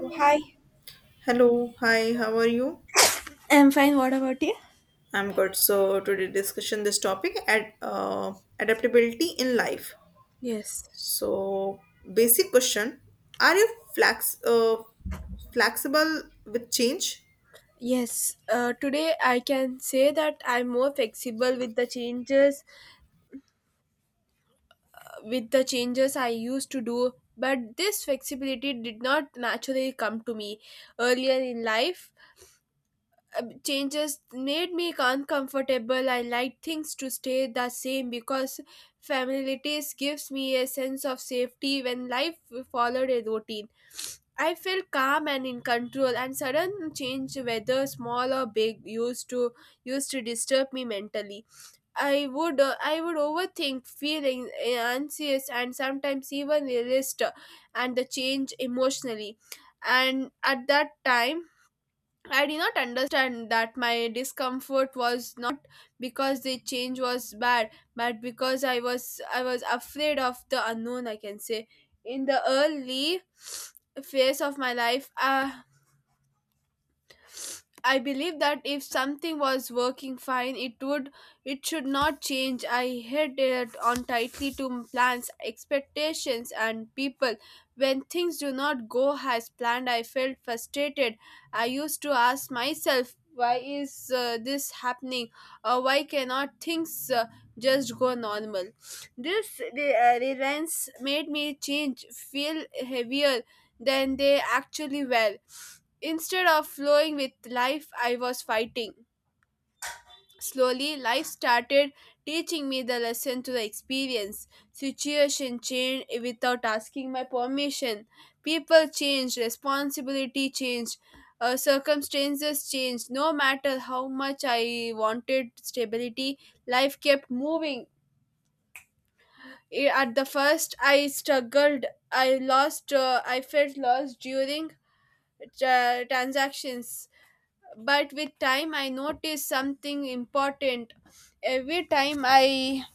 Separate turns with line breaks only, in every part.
Oh, hi.
Hello, hi, how are you?
I'm fine. What about you?
I'm good. So today discussion this topic at adaptability in life.
Yes.
So basic question: Are you flex uh, flexible with change?
Yes. Today I can say that I'm more flexible with the changes I used to do, but this flexibility did not naturally come to me earlier in life. Changes made me uncomfortable. I like things to stay the same because familiarities gives me a sense of safety when life followed a routine. I felt calm and in control, and sudden change, whether small or big, used to disturb me mentally. I would overthink, feeling anxious, and sometimes even resist and the change emotionally. And at that time, I did not understand that my discomfort was not because the change was bad, but because I was afraid of the unknown. I can say, in the early phase of my life, I believe that if something was working fine, it should not change. I held it on tightly to plans, expectations, and people. When things do not go as planned, I felt frustrated. I used to ask myself, why is this happening? Or why cannot things just go normal? This reliance made me change, feel heavier than they actually were. Instead of flowing with life, I was fighting. Slowly, life started teaching me the lesson to the experience. Situation changed without asking my permission. People changed, responsibility changed, circumstances changed. No matter how much I wanted stability, life kept moving. At the first, I struggled. I lost. I felt lost during transactions, but with time I noticed something important. Every time I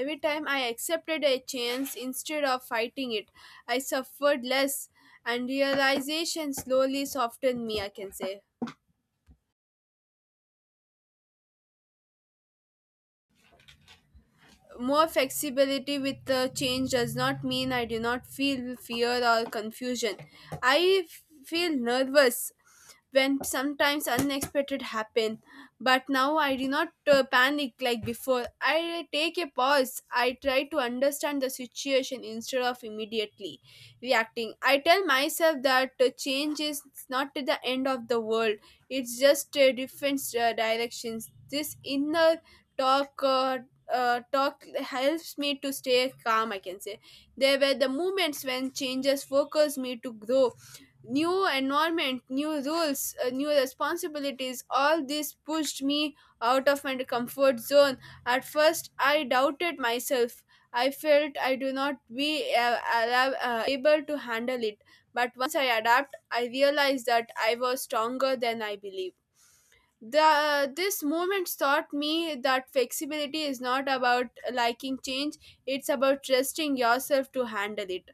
accepted a chance instead of fighting it, I suffered less, and realization slowly softened me, I can say. More flexibility with the change does not mean I do not feel fear or confusion. I feel nervous when sometimes unexpected happen, but now I do not panic like before. I take a pause. I try to understand the situation instead of immediately reacting. I tell myself that change is not the end of the world. It's just different directions. This inner talk uh, talk helps me to stay calm, I can say. There were the moments when changes focused me to grow. New environment, new rules, new responsibilities, all this pushed me out of my comfort zone. At first, I doubted myself. I felt I do not be able to handle it, but once I adapt, I realized that I was stronger than I believed. The this moment taught me that flexibility is not about liking change. It's about trusting yourself to handle it.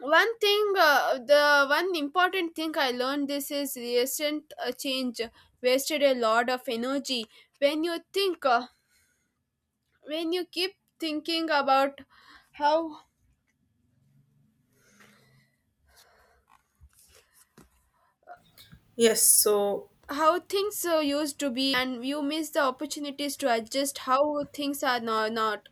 One thing uh, the one important thing I learned, this is recent, change wasted a lot of energy. when you think uh, when you keep thinking about how
Yes. So
how things used to be, and you miss the opportunities to adjust how things are now not.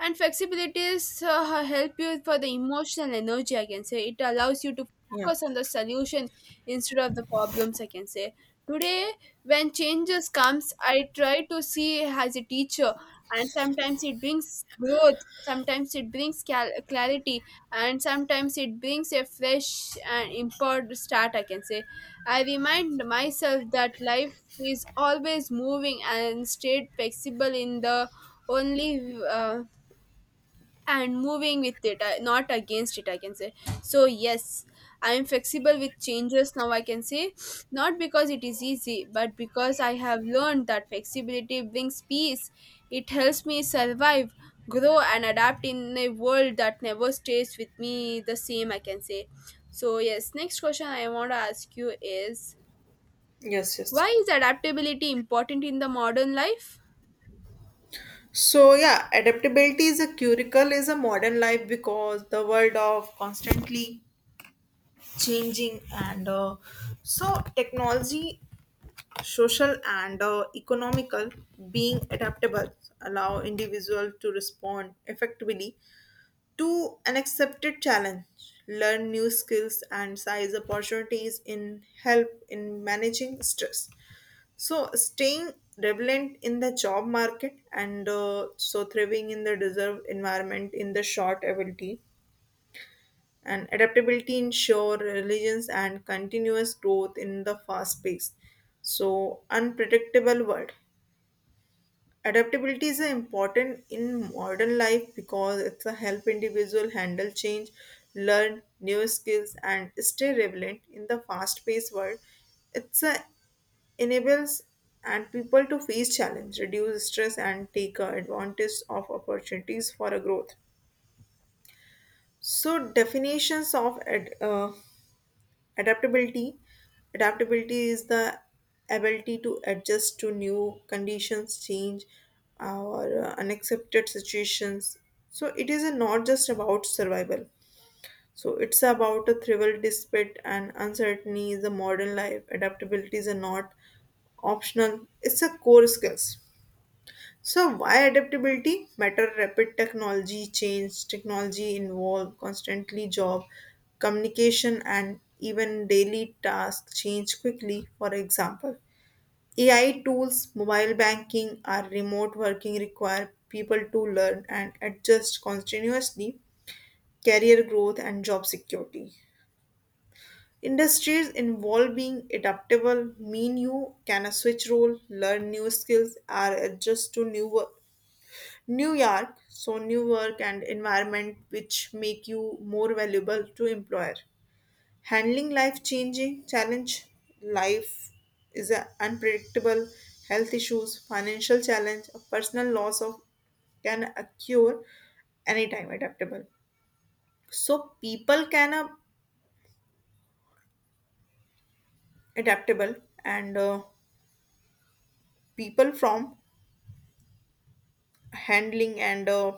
And flexibilities help you for the emotional energy, I can say. It allows you to
yeah.
focus on the solution instead of the problems, I can say. Today, when changes comes, I try to see as a teacher. And sometimes it brings growth, sometimes it brings clarity, and sometimes it brings a fresh and import start, I can say. I remind myself that life is always moving, and stayed flexible in the only and moving with it, not against it, I can say. So yes, I am flexible with changes now, I can say. Not because it is easy, but because I have learned that flexibility brings peace. It helps me survive, grow, and adapt in a world that never stays with me the same, I can say. So yes, next question I want to ask you is,
Yes.
why
Yes.
is adaptability important in the modern life?
So yeah, adaptability is a curricle is a modern life because the world of constantly changing and so technology social and economical being adaptable allow individual to respond effectively to unaccepted challenge, learn new skills and size opportunities in help in managing stress, so staying relevant in the job market and so thriving in the deserved environment in the short ability and adaptability ensure resilience and continuous growth in the fast paced so unpredictable world. Adaptability is important in modern life because it's a help individual handle change, learn new skills, and stay relevant in the fast-paced world. It's a enables and people to face challenge, reduce stress, and take advantage of opportunities for a growth. So definitions of adaptability. Adaptability is the ability to adjust to new conditions, change, or unaccepted situations. So it is not just about survival. So it's about a thrival despite and uncertainty is a modern life. Adaptability is a not optional. It's a core skills. So why adaptability matter? Rapid technology change, technology involved, constantly job, communication, and even daily tasks change quickly. For example, AI tools, mobile banking, or remote working require people to learn and adjust continuously. Career growth and job security. Industries involved being adaptable mean you can switch role, learn new skills, or adjust to new work New York, so new work and environment which make you more valuable to employer. Handling life changing challenge, life is a unpredictable, health issues, financial challenge, a personal loss of can occur anytime adaptable. So people can adaptable and people from handling and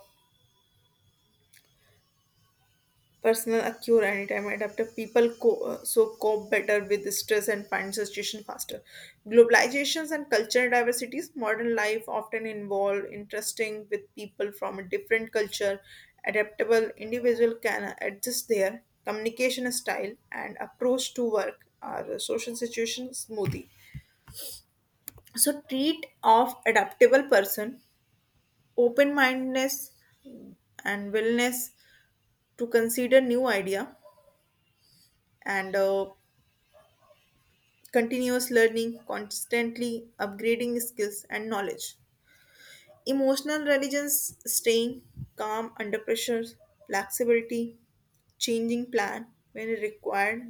personal a anytime adaptive people so cope better with stress and find solution faster. Globalizations and cultural diversities, modern life often involve interesting with people from a different culture. Adaptable individual can adjust their communication style and approach to work or social situation smoothly. So treat of adaptable person, open mindedness and willingness to consider new idea and continuous learning, constantly upgrading skills and knowledge. Emotional intelligence, staying calm under pressure, flexibility, changing plan when required,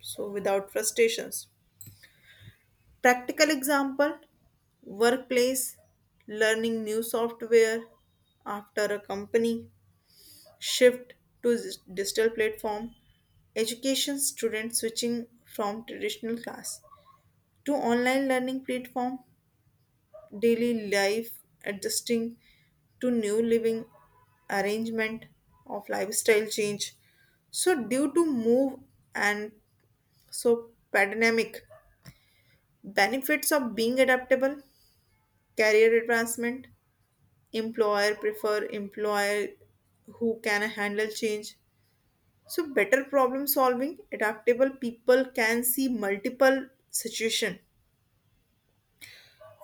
so without frustrations. Practical example workplace, learning new software after a company, shift to digital platform, education student switching from traditional class to online learning platform daily life, adjusting to new living arrangement of lifestyle change. So due to move and so pandemic benefits of being adaptable, career advancement, employer prefer employer who can handle change. So better problem solving, adaptable people can see multiple situation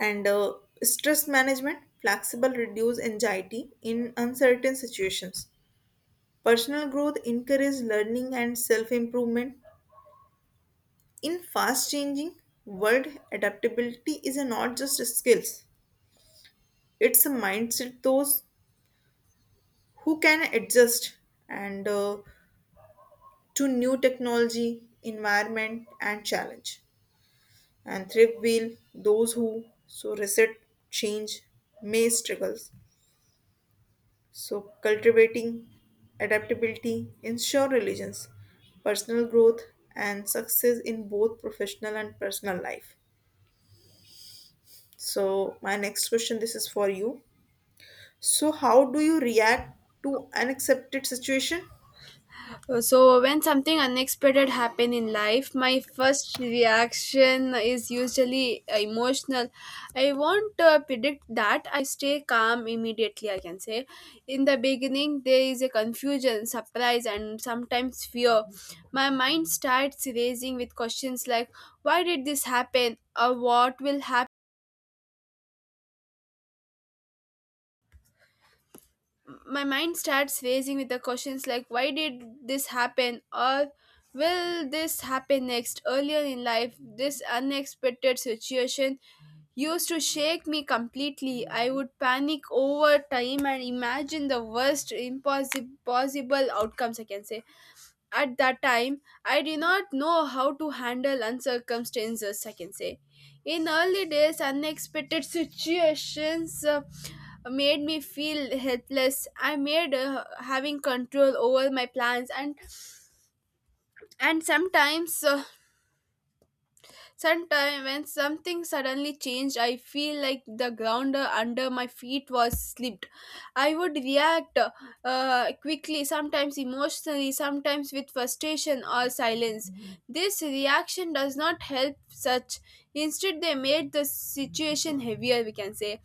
and stress management flexible reduce anxiety in uncertain situations, personal growth encourage learning and self improvement in fast changing world. Adaptability is not just skills, it's a mindset. Those who can adjust and to new technology environment and challenge and thrift wheel those who so reset change may struggle. So, cultivating adaptability ensure religions, personal growth, and success in both professional and personal life. So, my next question this is for you. So, how do you react to unaccepted situation?
So when something unexpected happen in life, my first reaction is usually emotional. I won't predict that. I stay calm immediately, I can say. In the beginning, there is a confusion, surprise, and sometimes fear. My mind starts racing with questions like, "Why did this happen?" or "What will happen?" My mind starts racing with the questions like, why did this happen, or will this happen next? Earlier in life, this unexpected situation used to shake me completely. I would panic over time and imagine the worst impossible possible outcomes, I can say. At that time, I did not know how to handle uncircumstances, I can say. In early days, unexpected situations made me feel helpless. I made having control over my plans, and sometimes sometimes, when something suddenly changed, I feel like the ground under my feet was slipped. I would react quickly, sometimes emotionally, sometimes with frustration or silence. This reaction does not help such. Instead, they made the situation heavier, we can say.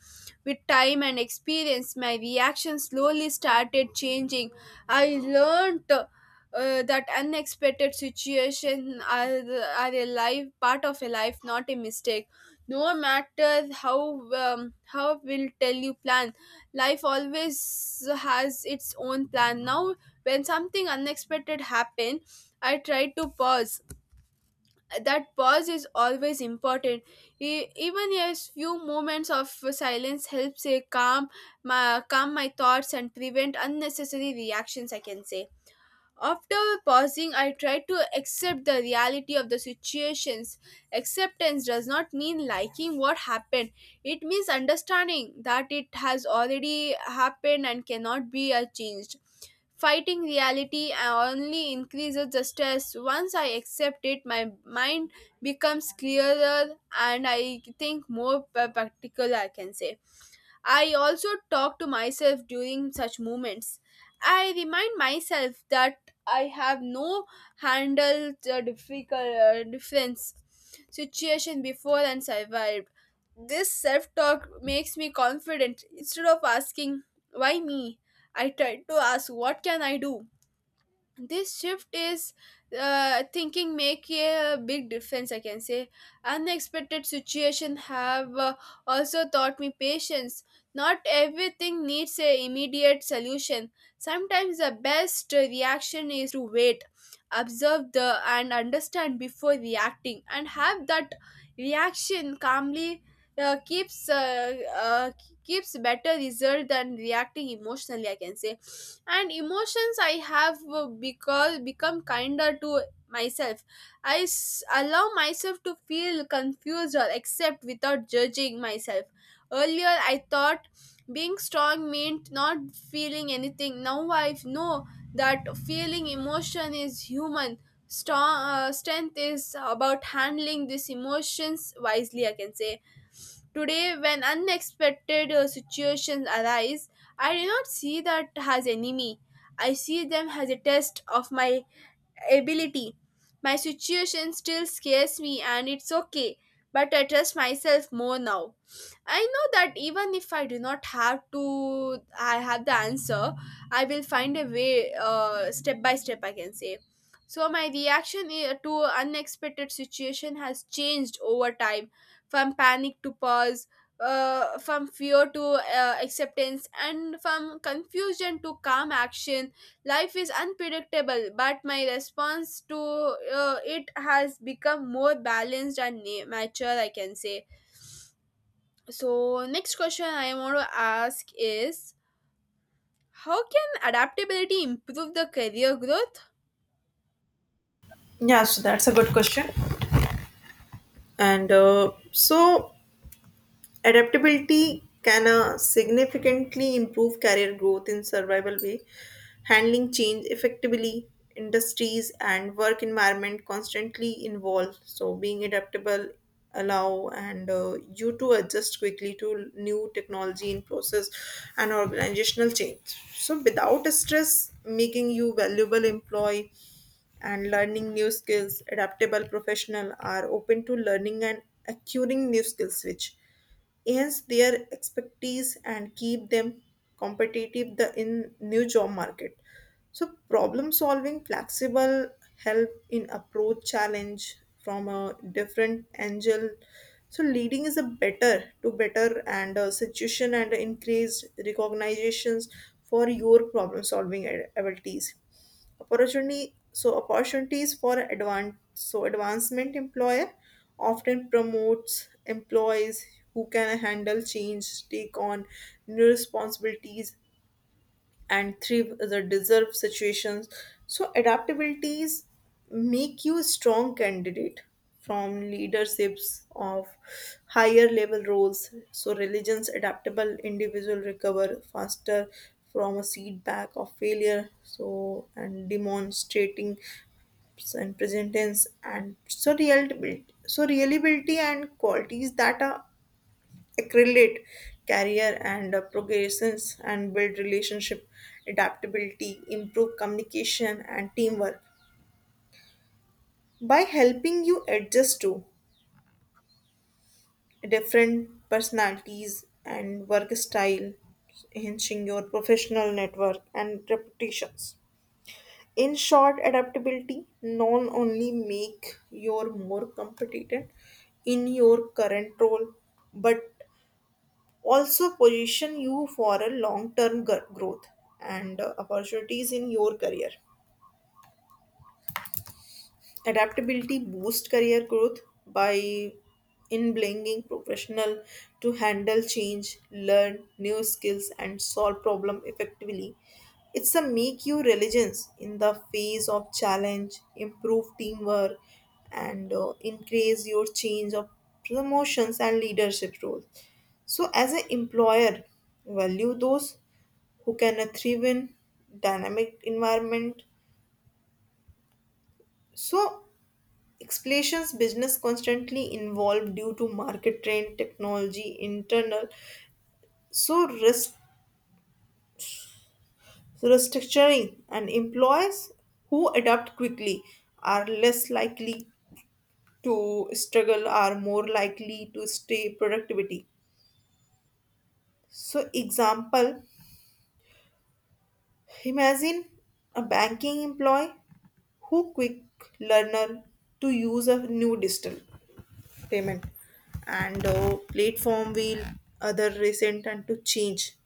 With time and experience, my reaction slowly started changing. I learned that unexpected situation are a life part of a life, not a mistake. No matter how will tell you plan, life always has its own plan. Now when something unexpected happen, I try to pause. That pause is always important. Even a few moments of silence helps a calm my thoughts and prevent unnecessary reactions, I can say. After pausing, I tried to accept the reality of the situations. Acceptance does not mean liking what happened, it means understanding that it has already happened and cannot be changed. Fighting reality only increases the stress. Once I accept it, my mind becomes clearer, and I think more practical, I can say. I also talk to myself during such moments. I remind myself that I have no handled the difficult difference situation before and survived. This self talk makes me confident. Instead of asking, why me, I try to ask, what can I do? This shift is thinking make a big difference, I can say. Unexpected situation have also taught me patience. Not everything needs a immediate solution. Sometimes the best reaction is to wait, observe the and understand before reacting, and have that reaction calmly uh, keeps uh, uh, keeps better result than reacting emotionally, I can say. And emotions, I have because become kinder to myself. I allow myself to feel confused or accept without judging myself. Earlier I thought being strong meant not feeling anything. Now I know that feeling emotion is human. Strong Strength is about handling these emotions wisely, I can say. Today, when unexpected situations arise, I do not see that as enemy. I see them as a test of my ability. My situation still scares me, and it's okay, but I trust myself more now. I know that even if I do not have to, I have the answer, I will find a way, step by step, I can say. So my reaction to unexpected situation has changed over time, from panic to pause, from fear to acceptance, and from confusion to calm action. Life is unpredictable, but my response to it has become more balanced and mature, I can say. So, next question I want to ask is, how can adaptability improve the career growth?
Yeah, so that's a good question. And so, adaptability can significantly improve career growth in survival way, handling change effectively. Industries and work environment constantly involve, so being adaptable allow and you to adjust quickly to new technology in process and organizational change. So without stress, making you valuable employee and learning new skills adaptable professional are open to learning and acquiring new skills which enhance their expertise and keep them competitive the in new job market. So problem solving flexible help in approach challenge from a different angle, so leading is a better to better and a situation and increased recognitions for your problem solving abilities. Opportunity, so opportunities for advance, so advancement employer often promotes employees who can handle change, take on new responsibilities, and thrive the deserve situations. So adaptabilities make you a strong candidate from leaderships of higher level roles. So religions adaptable individual recover faster from a setback of failure. So and demonstrating and present tense and so reliability, so reliability and qualities that are accredited career and progressions and build relationship. Adaptability improve communication and teamwork by helping you adjust to different personalities and work style, enhancing your professional network and reputations. In short, adaptability not only make you more competent in your current role, but also position you for a long term growth and opportunities in your career. Adaptability boosts career growth by enabling professional to handle change, learn new skills and solve problem effectively. It's a make you religions in the face of challenge, improve teamwork and increase your change of promotions and leadership roles. So as an employer value those who can thrive in dynamic environment. So explanations business constantly involved due to market trend, technology, internal. So risk restructuring and employees who adapt quickly are less likely to struggle are more likely to stay productivity. So example, imagine a banking employee who quick learner to use a new digital payment and platform will other recent and to change,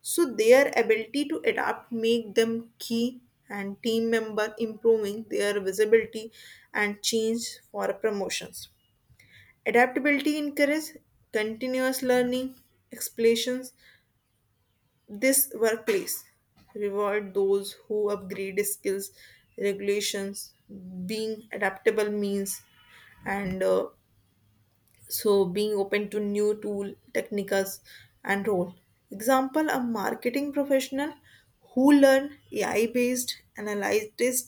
so their ability to adapt make them key and team member improving their visibility and change for promotions. Adaptability encourage continuous learning explanations this workplace reward those who upgrade skills regulations being adaptable means and so being open to new tool techniques and role. Example, a marketing professional who learn AI based analytics,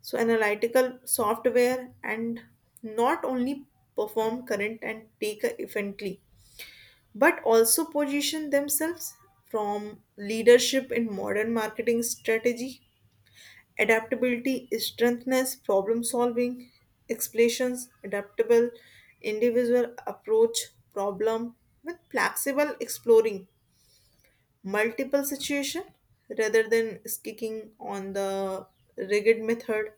so analytical software and not only perform current and take efficiently but also position themselves from leadership in modern marketing strategy. Adaptability is strengthness, problem solving, explanations, adaptable, individual approach, problem with flexible exploring multiple situation rather than sticking on the rigid method.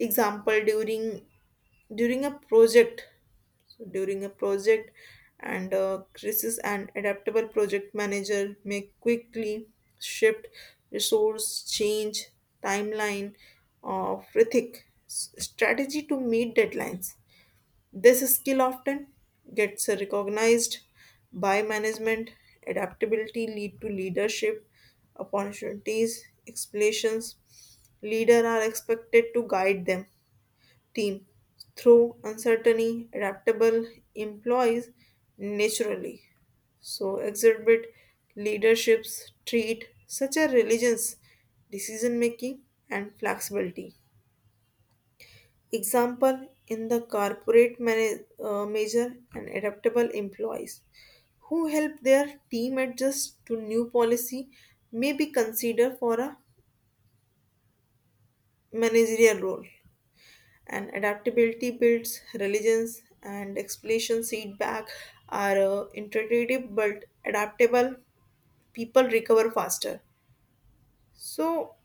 Example during a project, so during a project and crisis an adaptable project manager may quickly shift resource change timeline of rhythmic strategy to meet deadlines. This skill often gets recognized by management. Adaptability lead to leadership opportunities explanations leader are expected to guide them team through uncertainty, adaptable employees naturally. So exhibit leaderships treat such a religions, decision making and flexibility. Example in the corporate manager and adaptable employees who help their team adjust to new policy may be considered for a managerial role. And adaptability builds religions and explanation feedback are intuitive but adaptable people recover faster, so,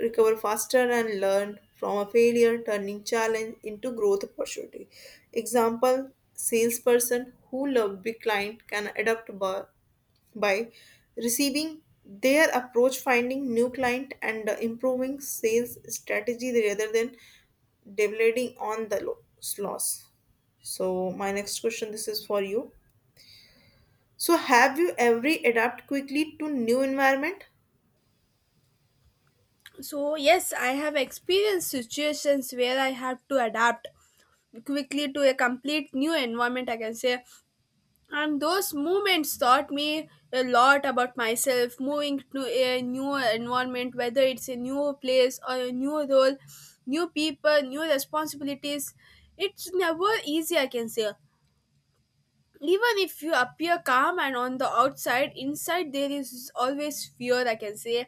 recover faster and learn from a failure, turning challenge into growth opportunity. Example, salesperson who love big client can adapt by receiving their approach, finding new client, and improving sales strategy rather than deviating on the loss. So, my next question this is for you. So, have you ever adapt quickly to new environment?
So yes, I have experienced situations where I have to adapt quickly to a complete new environment, I can say. And those moments taught me a lot about myself. Moving to a new environment, whether it's a new place or a new role, new people, new responsibilities, it's never easy, I can say. Even if you appear calm, and on the outside inside there is always fear, I can say.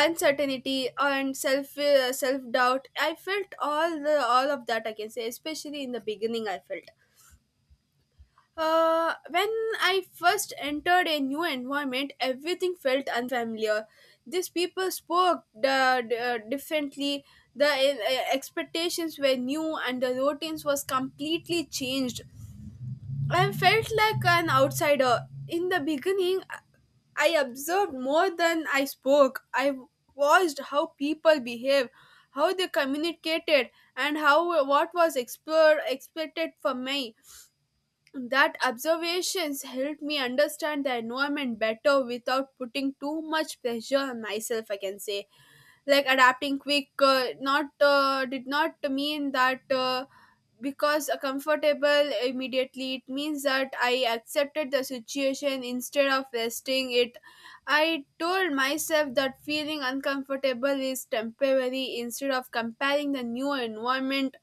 Uncertainty and self doubt, I felt all of that, I can say, especially in the beginning. I felt when I first entered a new environment, everything felt unfamiliar. These people spoke differently. The expectations were new, and the routines was completely changed. I felt like an outsider. In the beginning, I observed more than I spoke. I watched how people behave, how they communicated, and how what was explored, expected from me. That observations helped me understand the environment better without putting too much pressure on myself, I can say. Like adapting quick, not did not mean that because a comfortable immediately. It means that I accepted the situation instead of resting it. I told myself that feeling uncomfortable is temporary. Instead of comparing the new environment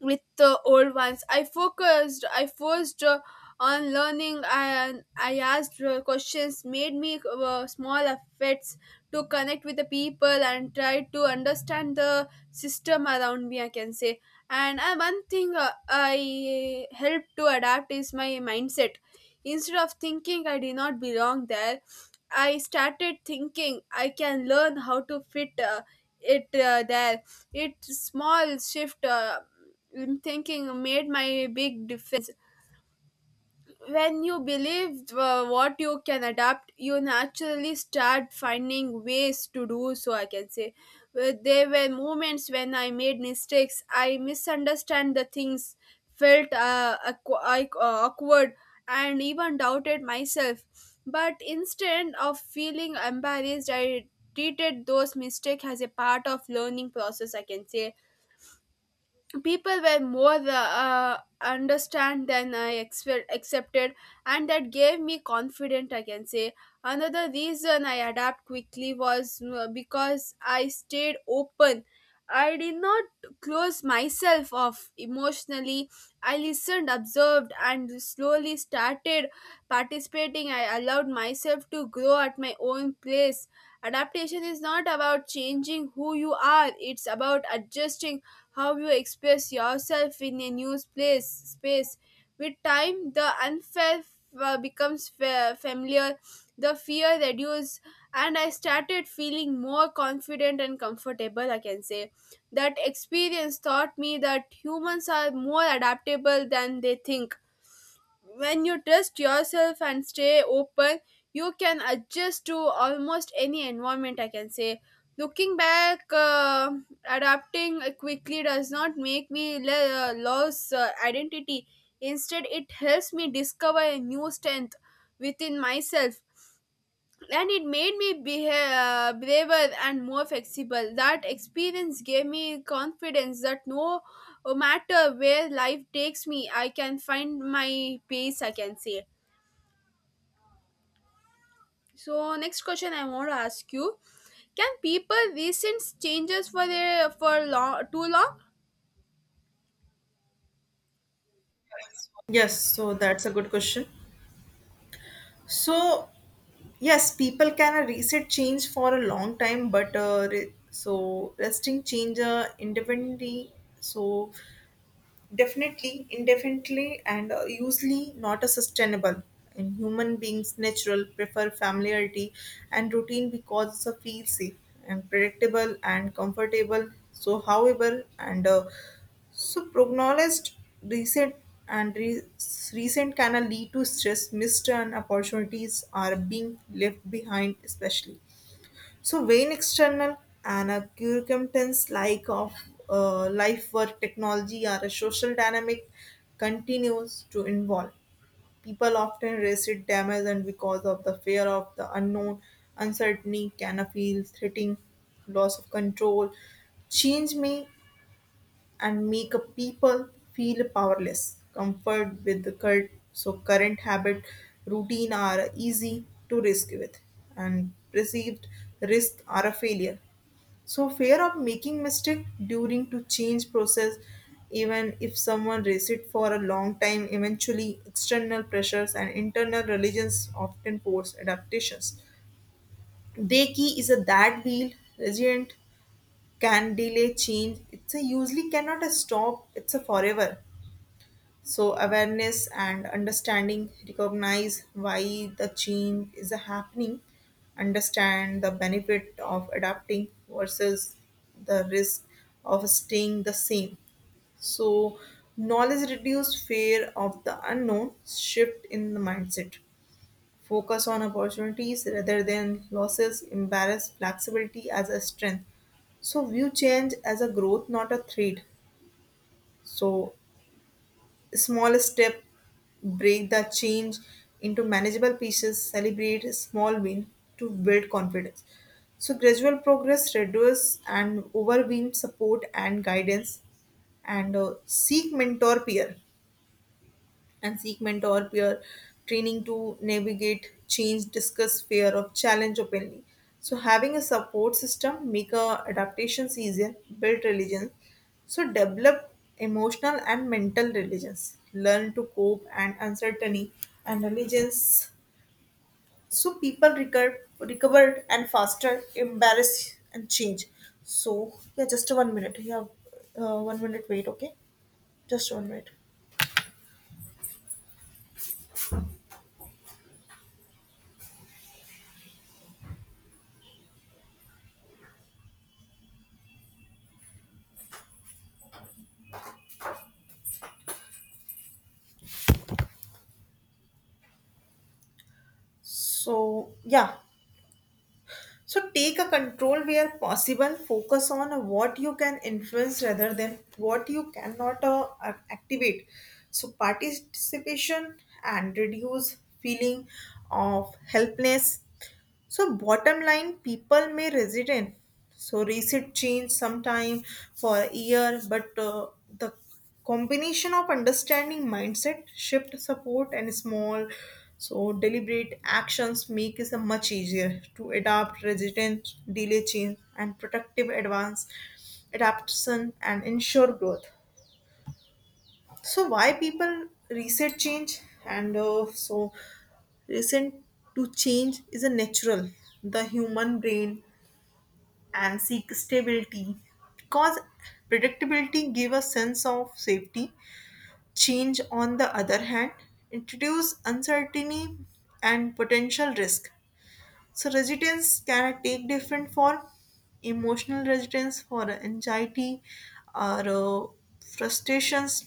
with the old ones, I forced on learning, and I asked questions, made me small efforts to connect with the people and try to understand the system around me, I can say. And one thing I helped to adapt is my mindset. Instead of thinking I did not belong there, I started thinking I can learn how to fit it there. It's small shift. Thinking made my big difference. When you believe what you can adapt, you naturally start finding ways to do so, I can say. There were moments when I made mistakes, I misunderstand the things, felt awkward, and even doubted myself. But instead of feeling embarrassed, I treated those mistakes as a part of learning process, I can say. People were more understand than I accepted, and that gave me confidence, I can say. Another reason I adapt quickly was because I stayed open. I did not close myself off emotionally. I listened, observed, and slowly started participating. I allowed myself to grow at my own place. Adaptation is not about changing who you are. It's about adjusting how you express yourself in a new place space. With time, the unfair, becomes familiar, the fear reduces, and I started feeling more confident and comfortable, I can say. That experience taught me that humans are more adaptable than they think. When you trust yourself and stay open, you can adjust to almost any environment, I can say. Looking back, adapting quickly does not make me lose identity. Instead, it helps me discover a new strength within myself, and it made me behave, braver and more flexible. That experience gave me confidence that no matter where life takes me, I can find my pace, I can say. So next question I want to ask you: can people resent changes for long too long?
Yes, so that's a good question. So yes, people can reset change for a long time, but so resting change independently. So definitely, indefinitely, and usually not a sustainable. And human beings natural prefer familiarity and routine because it's a feel safe and predictable and comfortable. So, however, and so prognosed recent and recent can lead to stress, missed and opportunities are being left behind, especially. So when external and a circumstance like of life or technology or a social dynamic continues to involve. People often resist damage and because of the fear of the unknown, uncertainty, can feel threatening, loss of control. Change may and make a people feel powerless. Comfort with the cult, so current habit routine are easy to risk with, and perceived risk are a failure. So fear of making mistake during to change process, even if someone resist for a long time, eventually external pressures and internal religions often force adaptations. They key is a that wheel resilient can delay change, it's a usually cannot a stop, it's a forever. So awareness and understanding recognize why the change is happening, understand the benefit of adapting versus the risk of staying the same. So knowledge reduce fear of the unknown shift in the mindset. Focus on opportunities rather than losses, embrace flexibility as a strength. So view change as a growth, not a threat. So small step, break the change into manageable pieces, celebrate a small win to build confidence. So gradual progress reduce and overwhelm support and guidance and seek mentor peer and seek mentor peer training to navigate change, discuss fear of challenge openly. So having a support system make adaptations easier, build religion. So develop emotional and mental religions, learn to cope and uncertainty and religions, so people recover recovered and faster embarrass and change. So yeah, just one minute, yeah. One minute wait, okay. Just one minute. So yeah. So take a control where possible, focus on what you can influence rather than what you cannot activate. So participation and reduce feeling of helplessness, so bottom line, people may resident. So receipt change sometime for a year, but the combination of understanding mindset, shift support, and small, so deliberate actions make it much easier to adapt resident, delay change, and productive advance, adaptation, and ensure growth. So why people reset change and so recent to change is a natural the human brain and seek stability because predictability gives a sense of safety. Change on the other hand introduces uncertainty and potential risk. So resilience can take different form, emotional resilience for anxiety or frustrations.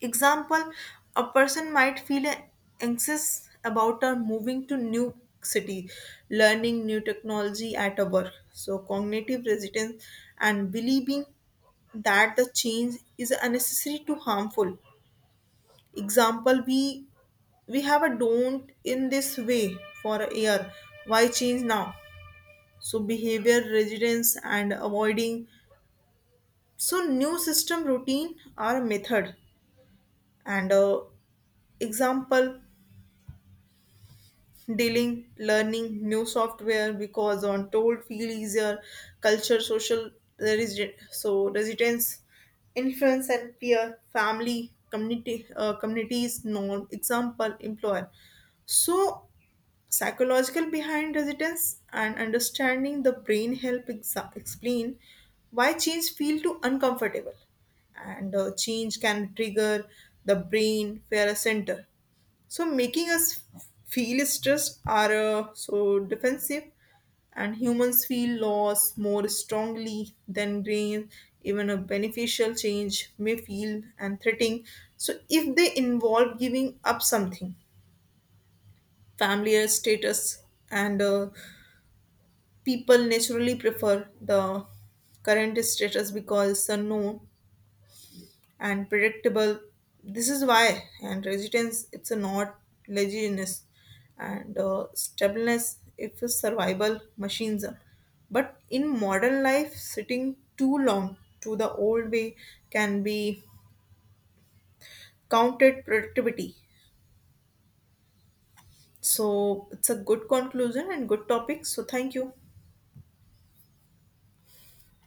Example, a person might feel anxious about moving to new city, learning new technology at a work. So cognitive resistance and believing that the change is unnecessary to harmful. Example, we have a don't in this way for a year. Why change now? So behavior resistance and avoiding. So new system routine or method and example dealing, learning new software because on told feel easier, culture, social so residence, influence and peer, family, community, communities, norm, example, employer. So psychological behind residence and understanding the brain help explain why change feel too uncomfortable and change can trigger the brain fear center, so making us feel stressed are so defensive, and humans feel loss more strongly than grain. Even a beneficial change may feel and threatening. So if they involve giving up something, familiar status, and people naturally prefer the current status because it's unknown and predictable. This is why and resistance it's a not laziness and stubbornness if a survival mechanism. But in modern life, sitting too long to the old way can be counted productivity. So it's a good conclusion and good topic. So thank you.